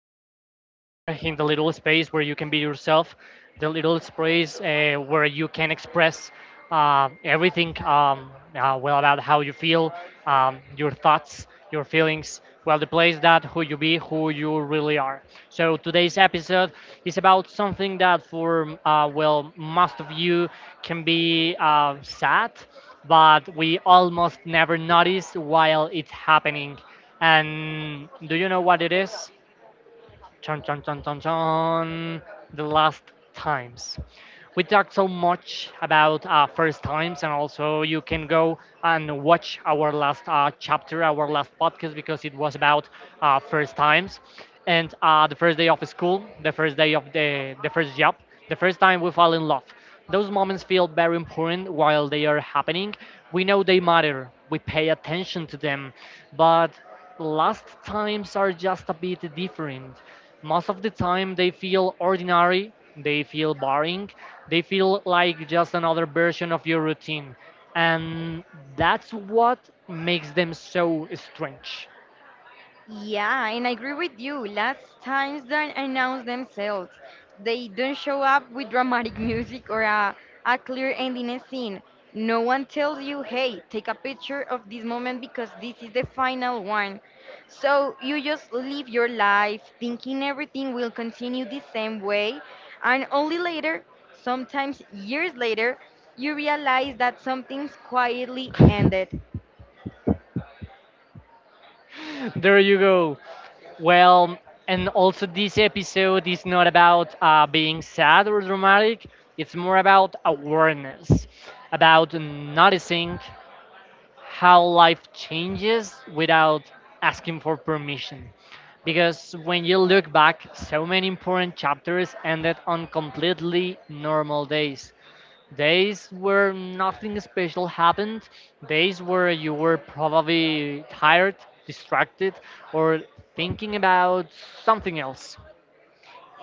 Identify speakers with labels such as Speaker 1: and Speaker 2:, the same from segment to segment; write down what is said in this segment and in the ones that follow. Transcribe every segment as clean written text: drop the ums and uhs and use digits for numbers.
Speaker 1: uh, you are in the little space where you can be yourself, the little space where you can express everything well about how you feel, your thoughts, your feelings. Well, the place that who you be, who you really are. So today's episode is about something that for well most of you can be sad but we almost never notice while it's happening. And do you know what it is? Chon chon chon chon chon. The last times. We talked so much about first times, and also you can go and watch our last chapter, our last podcast, because it was about first times and the first day of school, the first day of the first job, the first time we fall in love. Those moments feel very important while they are happening. We know they matter. We pay attention to them, but last times are just a bit different. Most of the time, they feel ordinary, they feel boring, they feel like just another version of your routine. And that's what makes them so strange.
Speaker 2: Yeah, and I agree with you. Last times they announce themselves, they don't show up with dramatic music or a clear ending scene. No one tells you, hey, take a picture of this moment because this is the final one. So you just live your life thinking everything will continue the same way, and only later, sometimes years later, you realize that something's quietly ended.
Speaker 1: There you go. Well, and also this episode is not about being sad or dramatic. It's more about awareness, about noticing, how life changes without asking for permission. Because when you look back, so many important chapters ended on completely normal days. Days where nothing special happened, days where you were probably tired, distracted, or thinking about something else.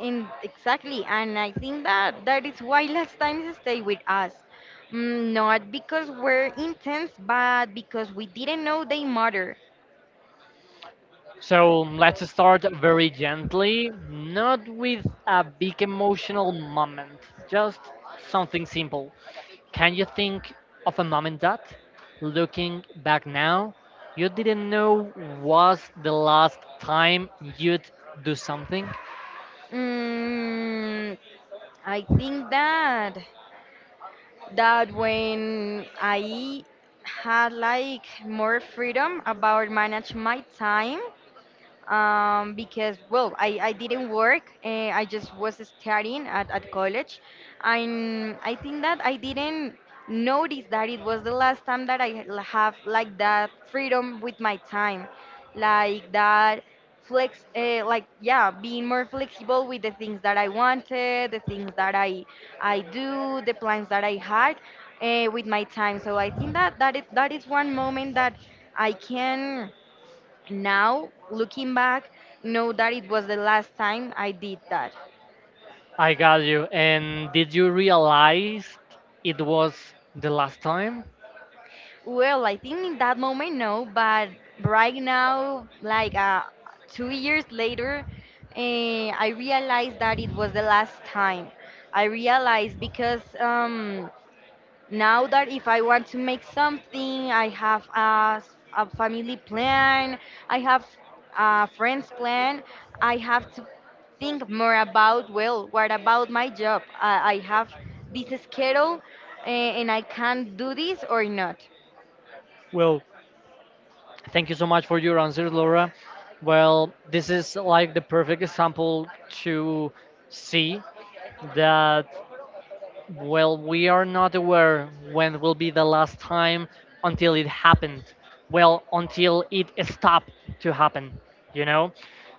Speaker 2: In exactly, and I think that that is why last times stay with us. Mm, not because we're intense, but because we didn't know they matter.
Speaker 1: So let's start very gently, not with a big emotional moment, just something simple. Can you think of a moment that, looking back now, you didn't know was the last time you'd do something?
Speaker 2: Mm, I think that that when I had like more freedom about manage my time, because well I didn't work I just was studying at college and I think that I didn't notice that it was the last time that have like that freedom with my time like that flex like yeah being more flexible with the things that I wanted the things that I do the plans that I had with my time so I think that that is one moment that I can now looking back know that it was the last time I did that.
Speaker 1: I got you. And did you realize it was the last time?
Speaker 2: Well, I think in that moment no, but right now 2 years later, I realized that it was the last time. I realized because now that if I want to make something, I have a family plan, I have a friends plan, I have to think more about, well, what about my job? I have this schedule and I can do this or not.
Speaker 1: Well, thank you so much for your answer, Laura. Well, this is like the perfect example to see that, well, we are not aware when will be the last time until it happened. Well, until it stopped to happen, you know?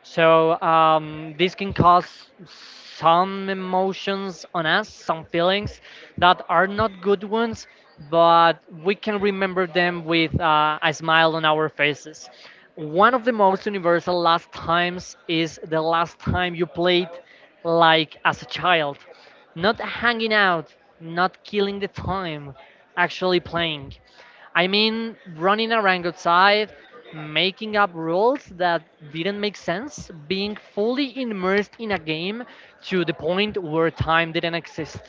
Speaker 1: So this can cause some emotions on us, some feelings that are not good ones, but we can remember them with a smile on our faces. One of the most universal last times is the last time you played like as a child, not hanging out, not killing the time, actually playing. I mean, running around outside, making up rules that didn't make sense, being fully immersed in a game to the point where time didn't exist.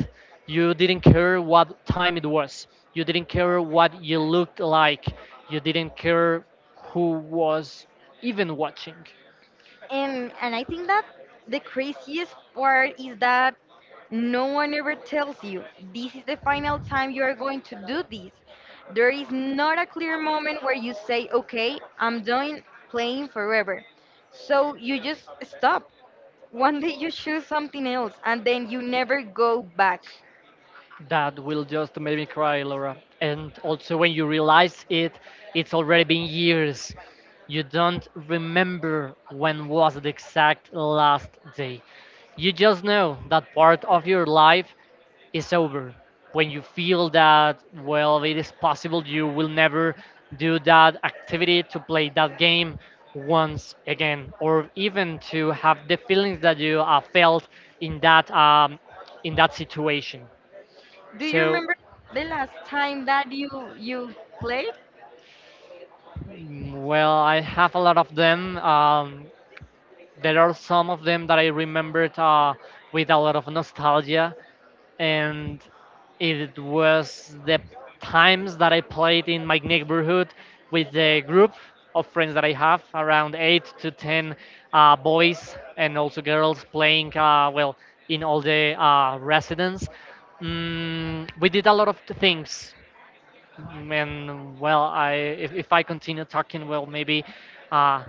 Speaker 1: You didn't care what time it was, you didn't care what you looked like, you didn't care who was even watching.
Speaker 2: And I think that the craziest part is that no one ever tells you this is the final time you are going to do this. There is not a clear moment where you say, "Okay, I'm done playing forever." So you just stop. One day you choose something else and then you never go back.
Speaker 1: That will just make me cry, Laura. And also, when you realize it, it's already been years. You don't remember when was the exact last day. You just know that part of your life is over. When you feel that, well, it is possible you will never do that activity to play that game once again, or even to have the feelings that you felt in that in that situation.
Speaker 2: Do you
Speaker 1: So,
Speaker 2: remember the last time that you played?
Speaker 1: mm, well, I have a lot of them. There are some of them that I remembered with a lot of nostalgia, and it was the times that I played in my neighborhood with the group of friends that I have, around eight to ten boys and also girls playing. Well, in all the residents, mm, we did a lot of things. And well, I if I continue talking, well, maybe uh,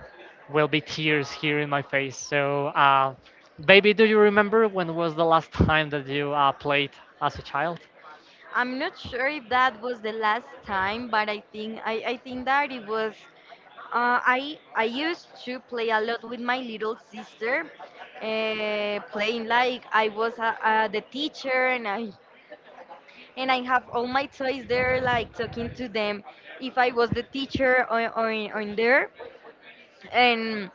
Speaker 1: will be tears here in my face. So, baby, do you remember when was the last time that you played as a child?
Speaker 2: I'm not sure if that was the last time, but I think that it was. I used to play a lot with my little sister, playing like I was the teacher, and I have all my toys there, like talking to them, if I was the teacher on there, and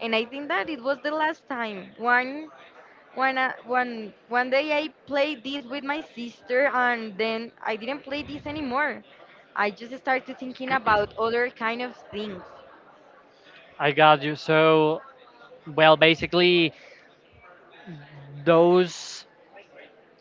Speaker 2: and I think that it was the last time. One day I played this with my sister, and then I didn't play this anymore. I just started thinking about other kind of things.
Speaker 1: I got you. So, well, basically, those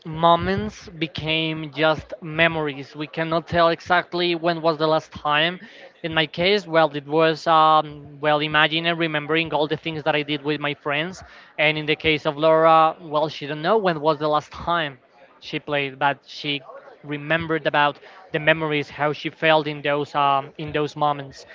Speaker 1: moments became just memories. We cannot tell exactly when was the last time. In my case, well, it was well, imagine and remembering all the things that I did with my friends. And in the case of Laura, well, she don't know when was the last time she played, but she remembered about the memories, how she felt in those in those moments.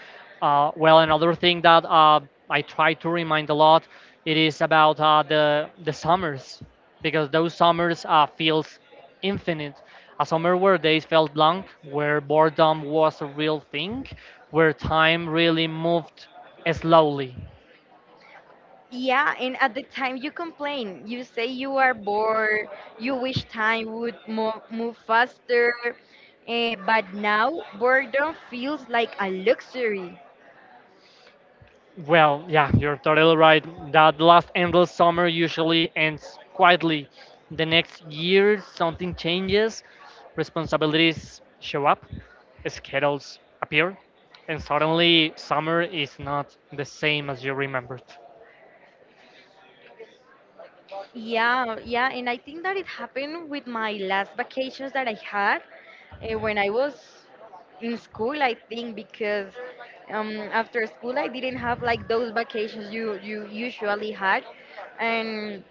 Speaker 1: Well, another thing that I try to remind a lot, it is about the summers, because those summers feels infinite. A summer where days felt long, where boredom was a real thing, where time really moved slowly.
Speaker 2: Yeah, and at the time you complain, you say you are bored, you wish time would move faster, but now boredom feels like a luxury.
Speaker 1: Well, yeah, you're totally right. That last endless summer usually ends quietly. The next year, something changes, responsibilities show up, schedules appear, and suddenly summer is not the same as you remembered.
Speaker 2: Yeah, yeah, and I think that it happened with my last vacations that I had when I was in school, I think, because after school I didn't have like those vacations you usually had, and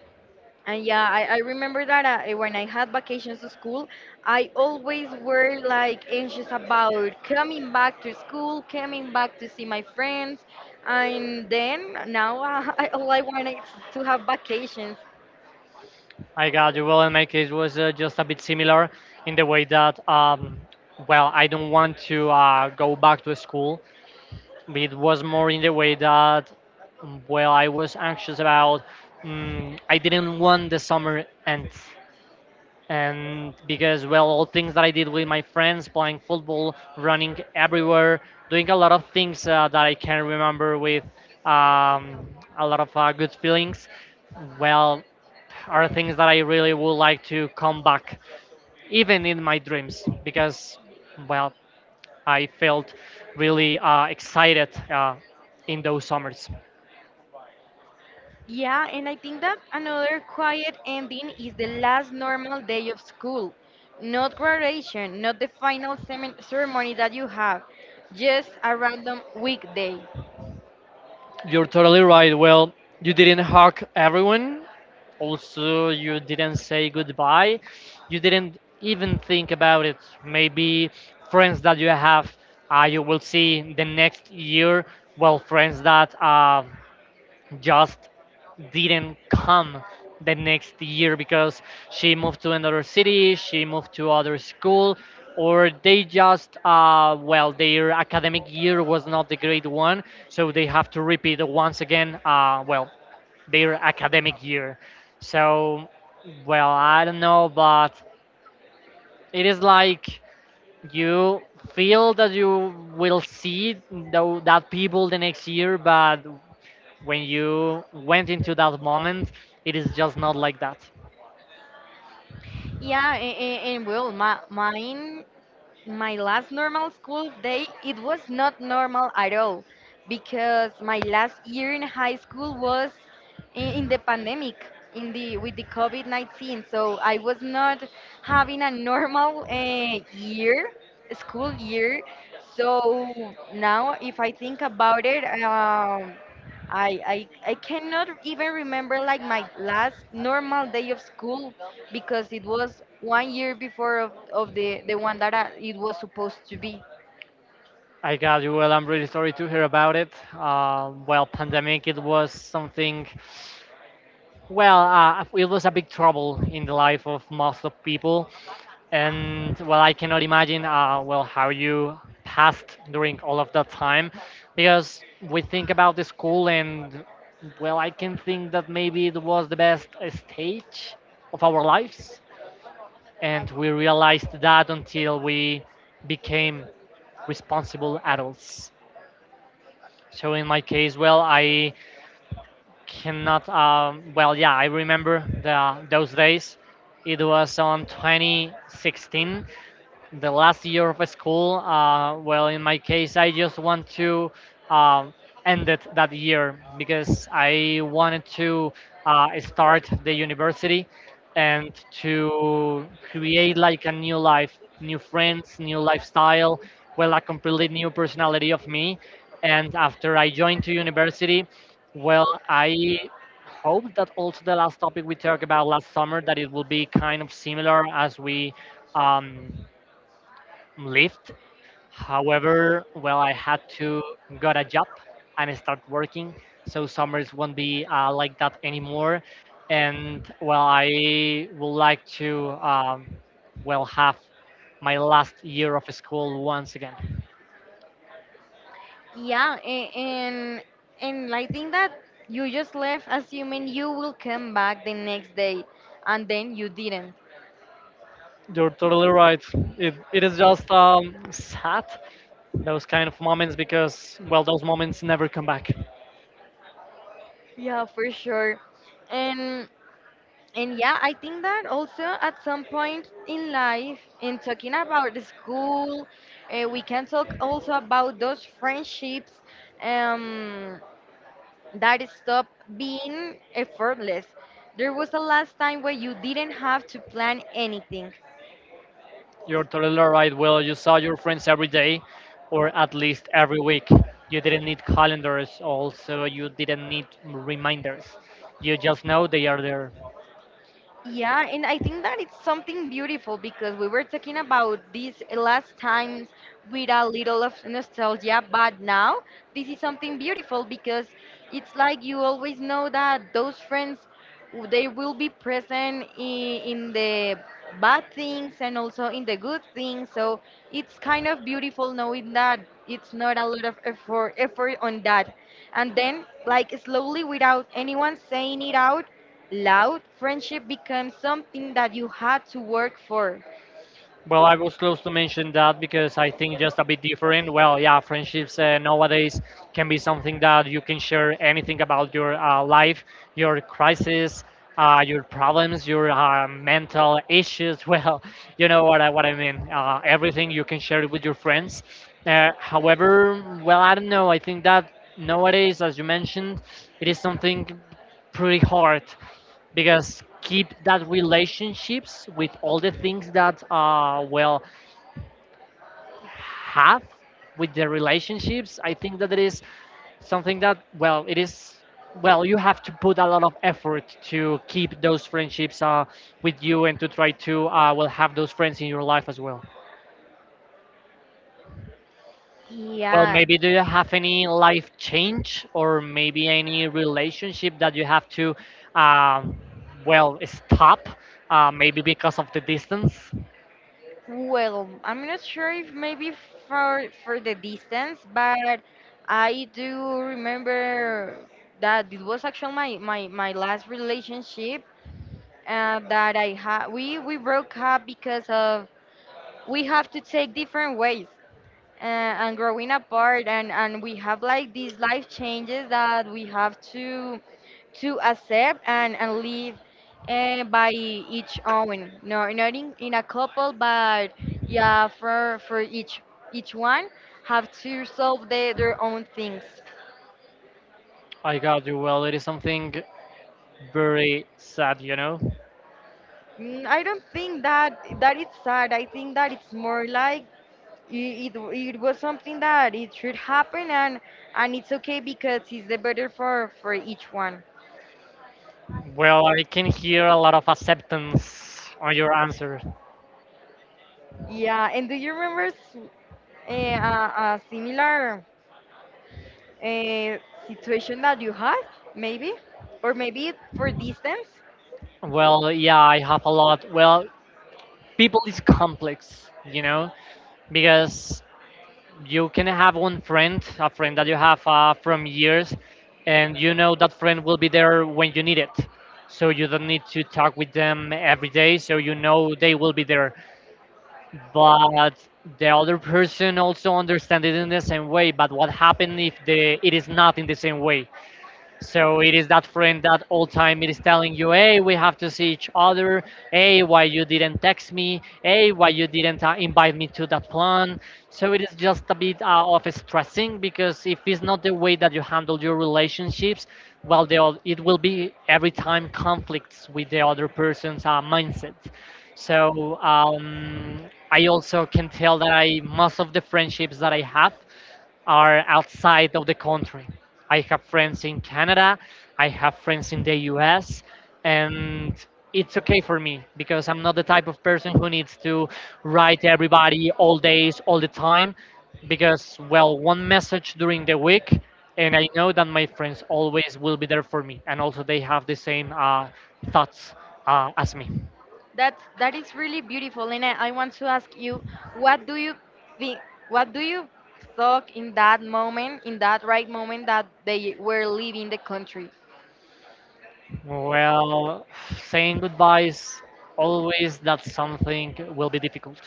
Speaker 2: And yeah, I remember that when I had vacations to school, I always were like anxious about coming back to school, coming back to see my friends. And then now all I want is to have vacations.
Speaker 1: I got you. Well, in my case, was just a bit similar in the way that, well, I don't want to go back to school, but it was more in the way that, mm, well, I was anxious about, mm, I didn't want the summer end, and because well all things that I did with my friends playing football, running everywhere, doing a lot of things that I can remember with, um, a lot of good feelings, well, are things that I really would like to come back, even in my dreams, because, well, I felt really excited in those summers.
Speaker 2: Yeah, and I think that another quiet ending is the last normal day of school. Not graduation, not the final semin ceremony that you have, just a random weekday.
Speaker 1: You're totally right. Well, you didn't hug everyone. Also, you didn't say goodbye. You didn't even think about it. Maybe friends that you have, you will see the next year. Well, friends that just didn't come the next year because she moved to another city, she moved to other school, or they just well their academic year was not the great one, so they have to repeat once again. Well, their academic year. So, well, I don't know, but it is like you feel that you will see that people the next year, but when you went into that moment, it is just not like that.
Speaker 2: Yeah, and well, my, mine my last normal school day it was not normal at all because my last year in high school was in the pandemic in the with the covid-19, so I was not having a normal year, school year. So now if I think about it, I cannot even remember like my last normal day of school because it was 1 year before of the one that I, it was supposed to be.
Speaker 1: I got you. Well, I'm really sorry to hear about it. Well, pandemic, it was something. Well, it was a big trouble in the life of most of people, and well, I cannot imagine. Well, how you passed during all of that time, because we think about the school, and well, I can think that maybe it was the best stage of our lives, and we realized that until we became responsible adults. So in my case, well, I cannot. Well, yeah, I remember the, those days. It was on 2016, the last year of school. Well, in my case, I just want to, um, end it that year because I wanted to start the university and to create like a new life, new friends, new lifestyle, well, a completely new personality of me. And after I joined to university, well, I hope that also the last topic we talked about last summer that it will be kind of similar as we, um, Lyft. However, well, I had to got a job and start working, so summers won't be like that anymore. And well, I would like to, well have my last year of school once again.
Speaker 2: Yeah, and I think that you just left assuming you will come back the next day, and then you didn't.
Speaker 1: You're totally right. It is just sad, those kind of moments, because, well, those moments never come back.
Speaker 2: Yeah, for sure. And and yeah, I think that also at some point in life, in talking about the school, we can talk also about those friendships. Um, that stopped being effortless. There was a last time where you didn't have to plan anything.
Speaker 1: You're totally right, Will. You saw your friends every day, or at least every week. You didn't need calendars, also, you didn't need reminders. You just know they are there.
Speaker 2: Yeah, and I think that it's something beautiful because we were talking about these last times with a little of nostalgia, but now this is something beautiful because it's like you always know that those friends they will be present in the bad things and also in the good things. So it's kind of beautiful knowing that it's not a lot of effort on that. And then, like slowly, without anyone saying it out loud, friendship becomes something that you had to work for.
Speaker 1: Well, I was close to mention that because I think just a bit different. Well, yeah, friendships nowadays can be something that you can share anything about your life, your crisis, your problems, your mental issues. Well, you know what I mean. Everything you can share it with your friends. However, well, I don't know. I think that nowadays, as you mentioned, it is something pretty hard because keep that relationships with all the things that uh, well, have with the relationships, I think that it is something that, well, it is, well, you have to put a lot of effort to keep those friendships with you and to try to well have those friends in your life as well. Well,
Speaker 2: Yeah.
Speaker 1: maybe, do you have any life change or maybe any relationship that you have to, um, well stop, maybe because of the distance?
Speaker 2: Well, I'm not sure if maybe for the distance, but I do remember that it was actually my last relationship that I had. We broke up because of we have to take different ways, uh, and growing apart, and we have like these life changes that we have to accept and live by each own. No, not in, in a couple, but yeah, for each one have to solve the, their own things.
Speaker 1: I got you. Well, it is something very sad, you know?
Speaker 2: Mm, I don't think that that it's sad. I think that it's more like it was something that it should happen and it's okay because it's the better for each one.
Speaker 1: Well, I can hear a lot of acceptance on your answer.
Speaker 2: Yeah, and do you remember eh, a, a similar uh, situation that you have, maybe, or maybe for distance.
Speaker 1: Well, yeah, I have a lot. Well, people is complex, you know? Because you can have one friend, a friend that you have from years, and you know that friend will be there when you need it. So you don't need to talk with them every day, so you know they will be there. But the other person also understand it in the same way, but what happened if the it is not in the same way? So it is that friend that all time it is telling you, hey, we have to see each other. Hey, why you didn't text me? Hey, why you didn't invite me to that plan? So it is just a bit of stressing, because if it's not the way that you handle your relationships, well, they all, it will be every time conflicts with the other person's mindset. So, I also can tell that I most of the friendships that I have are outside of the country. I have friends in Canada, I have friends in the US, and it's okay for me because I'm not the type of person who needs to write everybody all days, all the time. Because, well, one message during the week, and I know that my friends always will be there for me, and also they have the same thoughts as me.
Speaker 2: That that is really beautiful, and I want to ask you, what do you think? What do you thought in that moment, in that right moment that they were leaving the country?
Speaker 1: Well, saying goodbyes always that something will be difficult,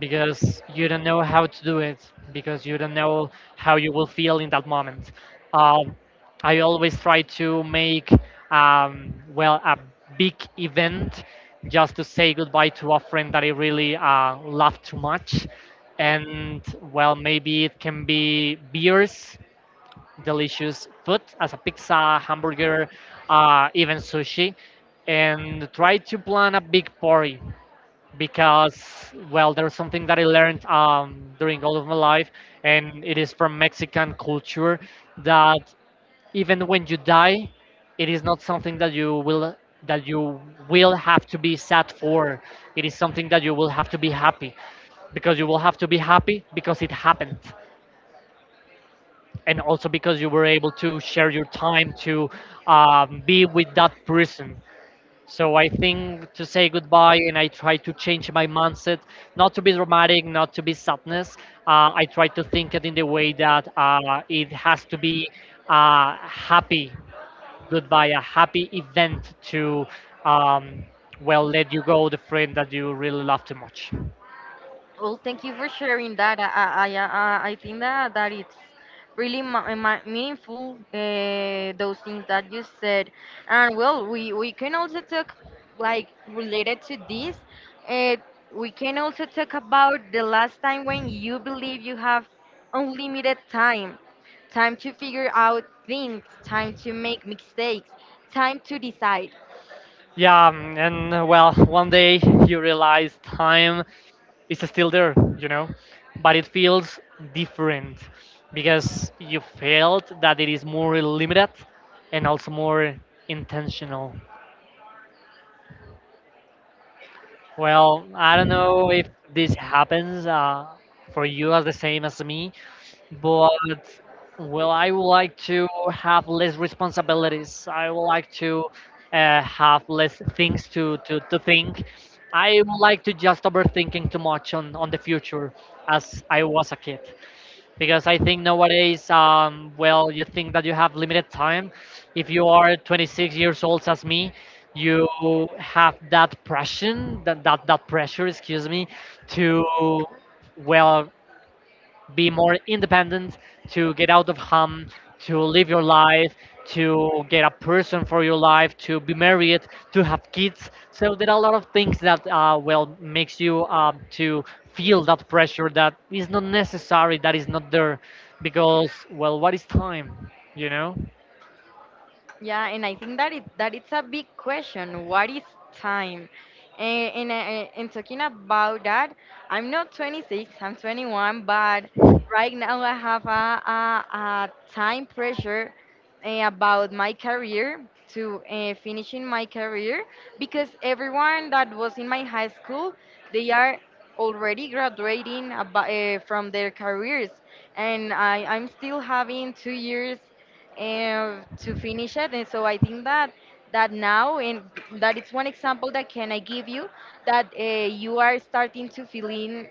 Speaker 1: because you don't know how to do it, because you don't know how you will feel in that moment. um, I always try to make, well, a big event just to say goodbye to a friend that I really love too much. And well, maybe it can be beers, delicious food as a pizza, hamburger, even sushi, and try to plan a big party. Because, well, there's something that I learned, during all of my life, and it is from Mexican culture, that even when you die, it is not something that you will, that you will have to be sad for. It is something that you will have to be happy, because you will have to be happy because it happened, and also because you were able to share your time to, be with that person. So I think to say goodbye, and I try to change my mindset, not to be dramatic, not to be sadness. I try to think it in the way that it has to be a happy goodbye, a happy event to, um, well, let you go the friend that you really love too much.
Speaker 2: Well, thank you for sharing that. I think that that it's really meaningful those things that you said, and well, we can also talk like related to this. Uh, we can also talk about the last time when you believe you have unlimited time, time to figure out things, time to make mistakes, time to decide.
Speaker 1: Yeah, and well, one day you realize time is still there, you know, but it feels different, because you felt that it is more limited and also more intentional. Well, I don't know if this happens for you as the same as me, but well, I would like to have less responsibilities. I would like to have less things to think. I would like to just overthinking too much on the future as I was a kid, because I think nowadays, well, you think that you have limited time. If you are 26 years old as me, you have that pressure that pressure, excuse me, to, well, be more independent, to get out of home, to live your life, to get a person for your life, to be married, to have kids. So there are a lot of things that well makes you to feel that pressure that is not necessary, that is not there, because, well, what is time, you know?
Speaker 2: Yeah, and I think that it that it's a big question. What is time? And talking about that, I'm not 26. I'm 21, but right now I have a time pressure about my career to finishing my career because everyone that was in my high school, they are already graduating from their careers, and I'm still having 2 years to finish it. And so I think that that now and that it's one example that can I give you that you are starting to feel in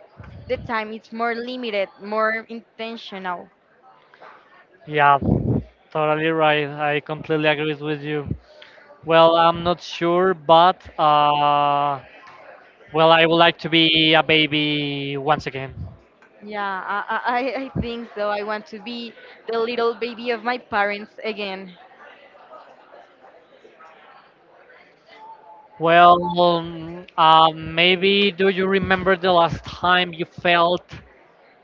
Speaker 2: the time it's more limited, more intentional.
Speaker 1: Yeah, totally right. I completely agree with you. Well, I'm not sure, but well, I would like to be a baby once again.
Speaker 2: Yeah, I think so. I want to be the little baby of my parents again.
Speaker 1: Well, maybe do you remember the last time you felt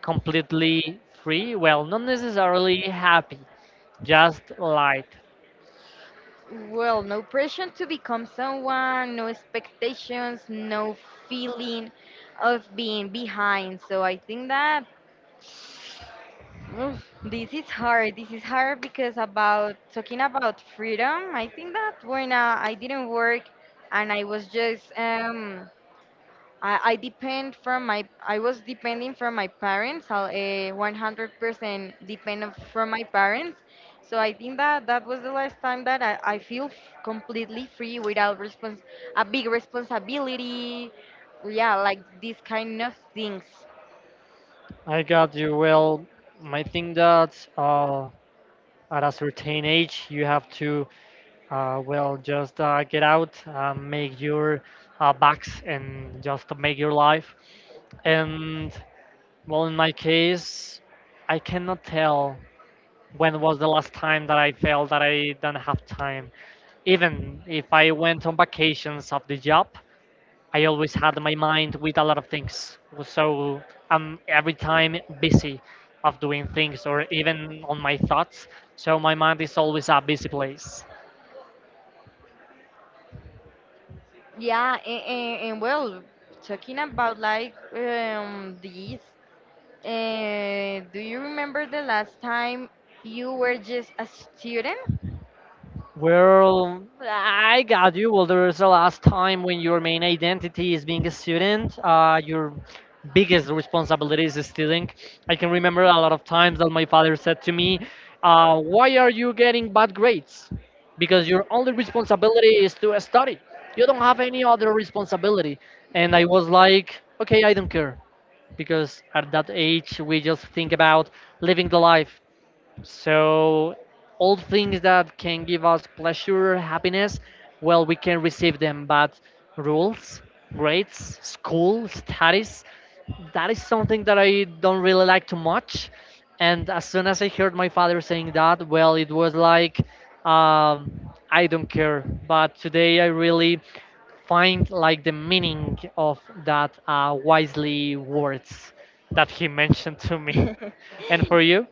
Speaker 1: completely free? Well, not necessarily happy, just light.
Speaker 2: Well, no pressure to become someone, no expectations, no feeling of being behind. So I think that oof, this is hard. This is hard because about talking about freedom, I think that when I didn't work and I was just I depend from my I was depending from my parents. I 100% depend from my parents. So I think that that was the last time that I feel completely free without respons a big responsibility. Yeah, like these kind of things.
Speaker 1: I got you. Well, I think that at a certain age, you have to, well, just get out, make your bucks, and just make your life. And, well, in my case, I cannot tell when was the last time that I felt that I don't have time. Even if I went on vacations of the job, I always had my mind with a lot of things. So I'm every time busy of doing things or even on my thoughts. So my mind is always a busy place.
Speaker 2: Yeah, and well, talking about do you remember the last time you were just a student?
Speaker 1: Well, I got you. Well, there was a last time when your main identity is being a student. Your biggest responsibility is stealing. I can remember a lot of times that my father said to me, "Why are you getting bad grades? Because your only responsibility is to study. You don't have any other responsibility." And I was like, "Okay, I don't care," because at that age we just think about living the life, so all things that can give us pleasure, happiness, well, we can receive them. But rules, grades, school, studies, that is something that I don't really like too much. And as soon as I heard my father saying that, well, it was like, I don't care. But today I really find like the meaning of that wisely words that he mentioned to me. And for you?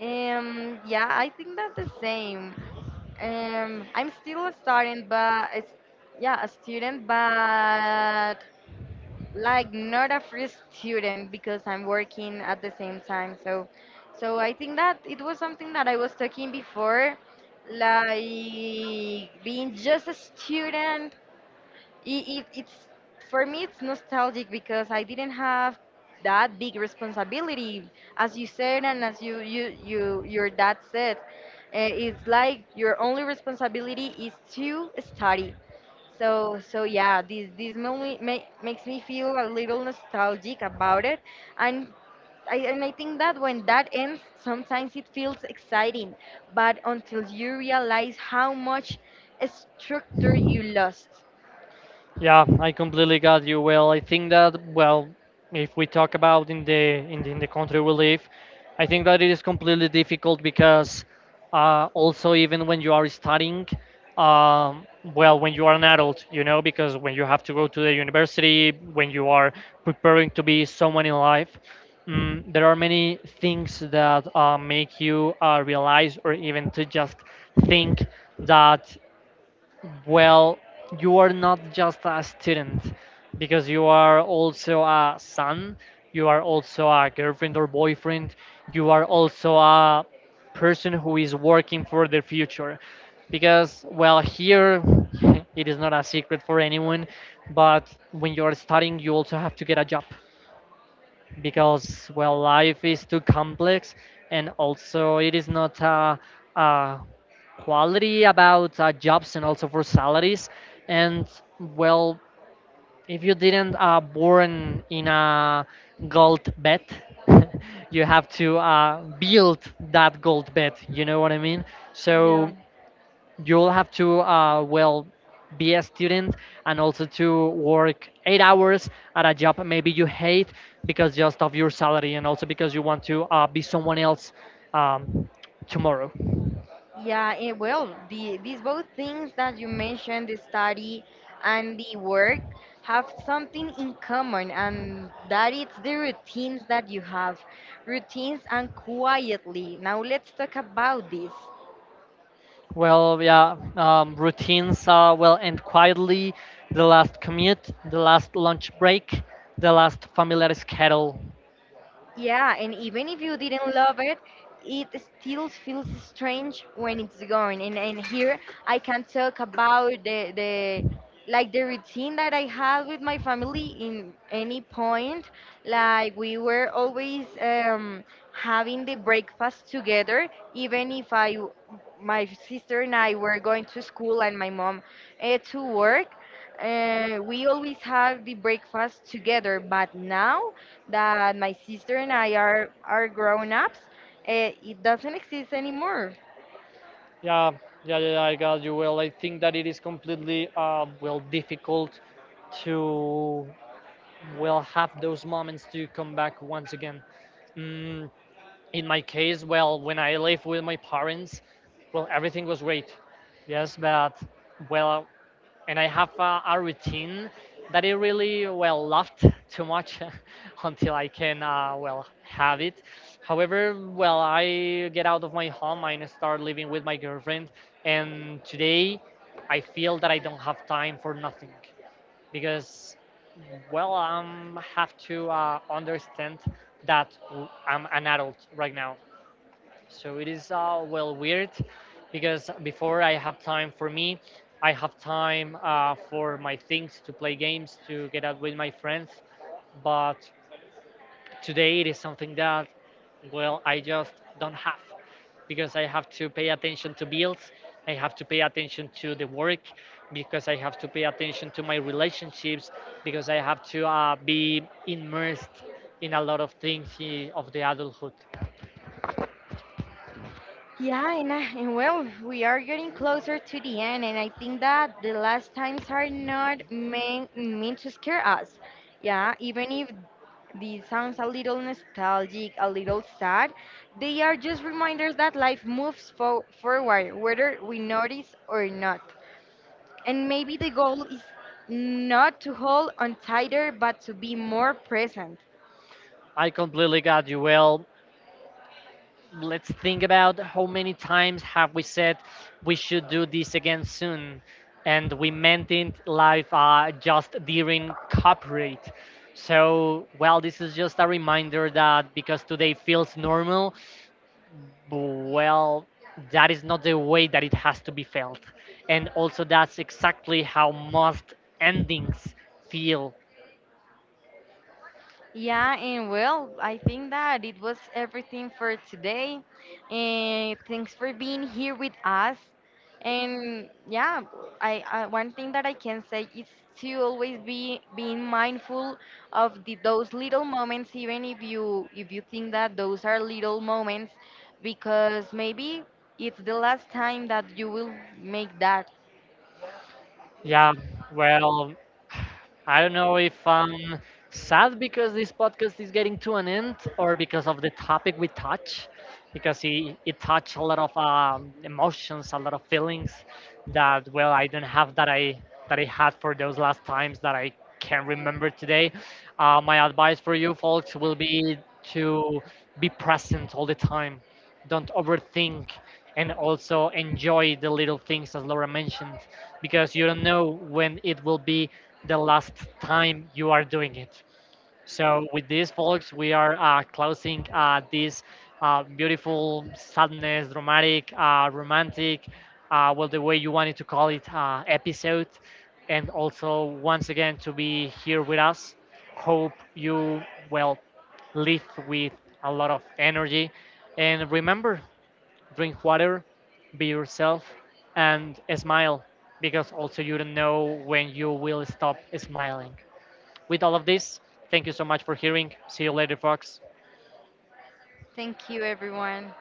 Speaker 2: Yeah, I think that's the same. I'm still a student, but it's, yeah, a student, but like not a free student because I'm working at the same time. So, so I think that it was something that I was talking before, like being just a student. It's for me it's nostalgic because I didn't have that big responsibility, as you said and as you your dad said. It's like your only responsibility is to study. So, so yeah, this movie ma makes me feel a little nostalgic about it, and I think that when that ends, sometimes it feels exciting, but until you realize how much structure you lost.
Speaker 1: Yeah, I completely got you. Well, I think that, well, if we talk about in the in the country we live, I think that it is completely difficult, because also even when you are studying, well, when you are an adult, you know, because when you have to go to the university, when you are preparing to be someone in life, there are many things that make you realize or even to just think that, well, you are not just a student, because you are also a son, you are also a girlfriend or boyfriend, you are also a person who is working for the future. Because, well, here it is not a secret for anyone, but when you are studying, you also have to get a job, because well, life is too complex, and also it is not a, a quality about jobs and also for salaries, and, well, if you didn't born in a gold bed, you have to build that gold bed, you know what I mean?
Speaker 2: Yeah.
Speaker 1: So you'll have to well, be a student and also to work 8 hours at a job maybe you hate, because just of your salary and also because you want to be someone else, um, tomorrow.
Speaker 2: Yeah, well, these both things that you mentioned, the study and the work, have something in common, and that is the routines that you have. Routines and quietly. Now let's talk about this.
Speaker 1: Well, yeah, routines will end quietly, the last commute, the last lunch break, the last familiar schedule.
Speaker 2: Yeah, and even if you didn't love it, it still feels strange when it's going. And here I can talk about the like the routine that I had with my family in any point. Like we were always having the breakfast together, even if I my sister and I were going to school and my mom to work. We always have the breakfast together, but now that my sister and I are grown ups, it doesn't exist anymore.
Speaker 1: Yeah, yeah, yeah, yeah, I got you. Well, I think that it is completely well, difficult to will have those moments to come back once again. Mm, in my case, well, when I lived with my parents, well, everything was great. Yes, but, well, and I have a routine that I really well loved too much until I can well have it. However, well, I get out of my home and start living with my girlfriend, and today I feel that I don't have time for nothing, because, well, I have to understand that I'm an adult right now. So it is well, weird, because before I have time for me, I have time for my things, to play games, to get out with my friends, but today it is something that, well, I just don't have, because I have to pay attention to bills. I have to pay attention to the work, because I have to pay attention to my relationships, because I have to be immersed in a lot of things, of the adulthood.
Speaker 2: Yeah, and and well, we are getting closer to the end, and I think that the last times are not meant to scare us. Yeah, even if this sounds a little nostalgic, a little sad, they are just reminders that life moves forward, whether we notice or not. And maybe the goal is not to hold on tighter, but to be more present.
Speaker 1: I completely got you. Well, let's think about how many times have we said we should do this again soon, and we meant it live just during copyright. So, well, this is just a reminder that because today feels normal, well, that is not the way that it has to be felt, and also that's exactly how most endings feel.
Speaker 2: Yeah, and well, I think that it was everything for today. And thanks for being here with us. And yeah, I one thing that I can say is to always be being mindful of those little moments, even if you think that those are little moments, because maybe it's the last time that you will make that.
Speaker 1: Yeah, well, I don't know if I'm sad because this podcast is getting to an end, or because of the topic we touch, because it touched a lot of emotions, a lot of feelings that, well, I don't have, that I had, for those last times that I can remember today. My advice for you folks will be to be present all the time, don't overthink, and also enjoy the little things, as Laura mentioned, because you don't know when it will be the last time you are doing it. So with this, folks, we are closing this beautiful, sadness, dramatic, romantic, well, the way you wanted to call it, episode. And also, once again, to be here with us. Hope you, well, live with a lot of energy. And remember, drink water, be yourself, and smile, because also you don't know when you will stop smiling. With all of this, thank you so much for hearing. See you later, folks.
Speaker 2: Thank you, everyone.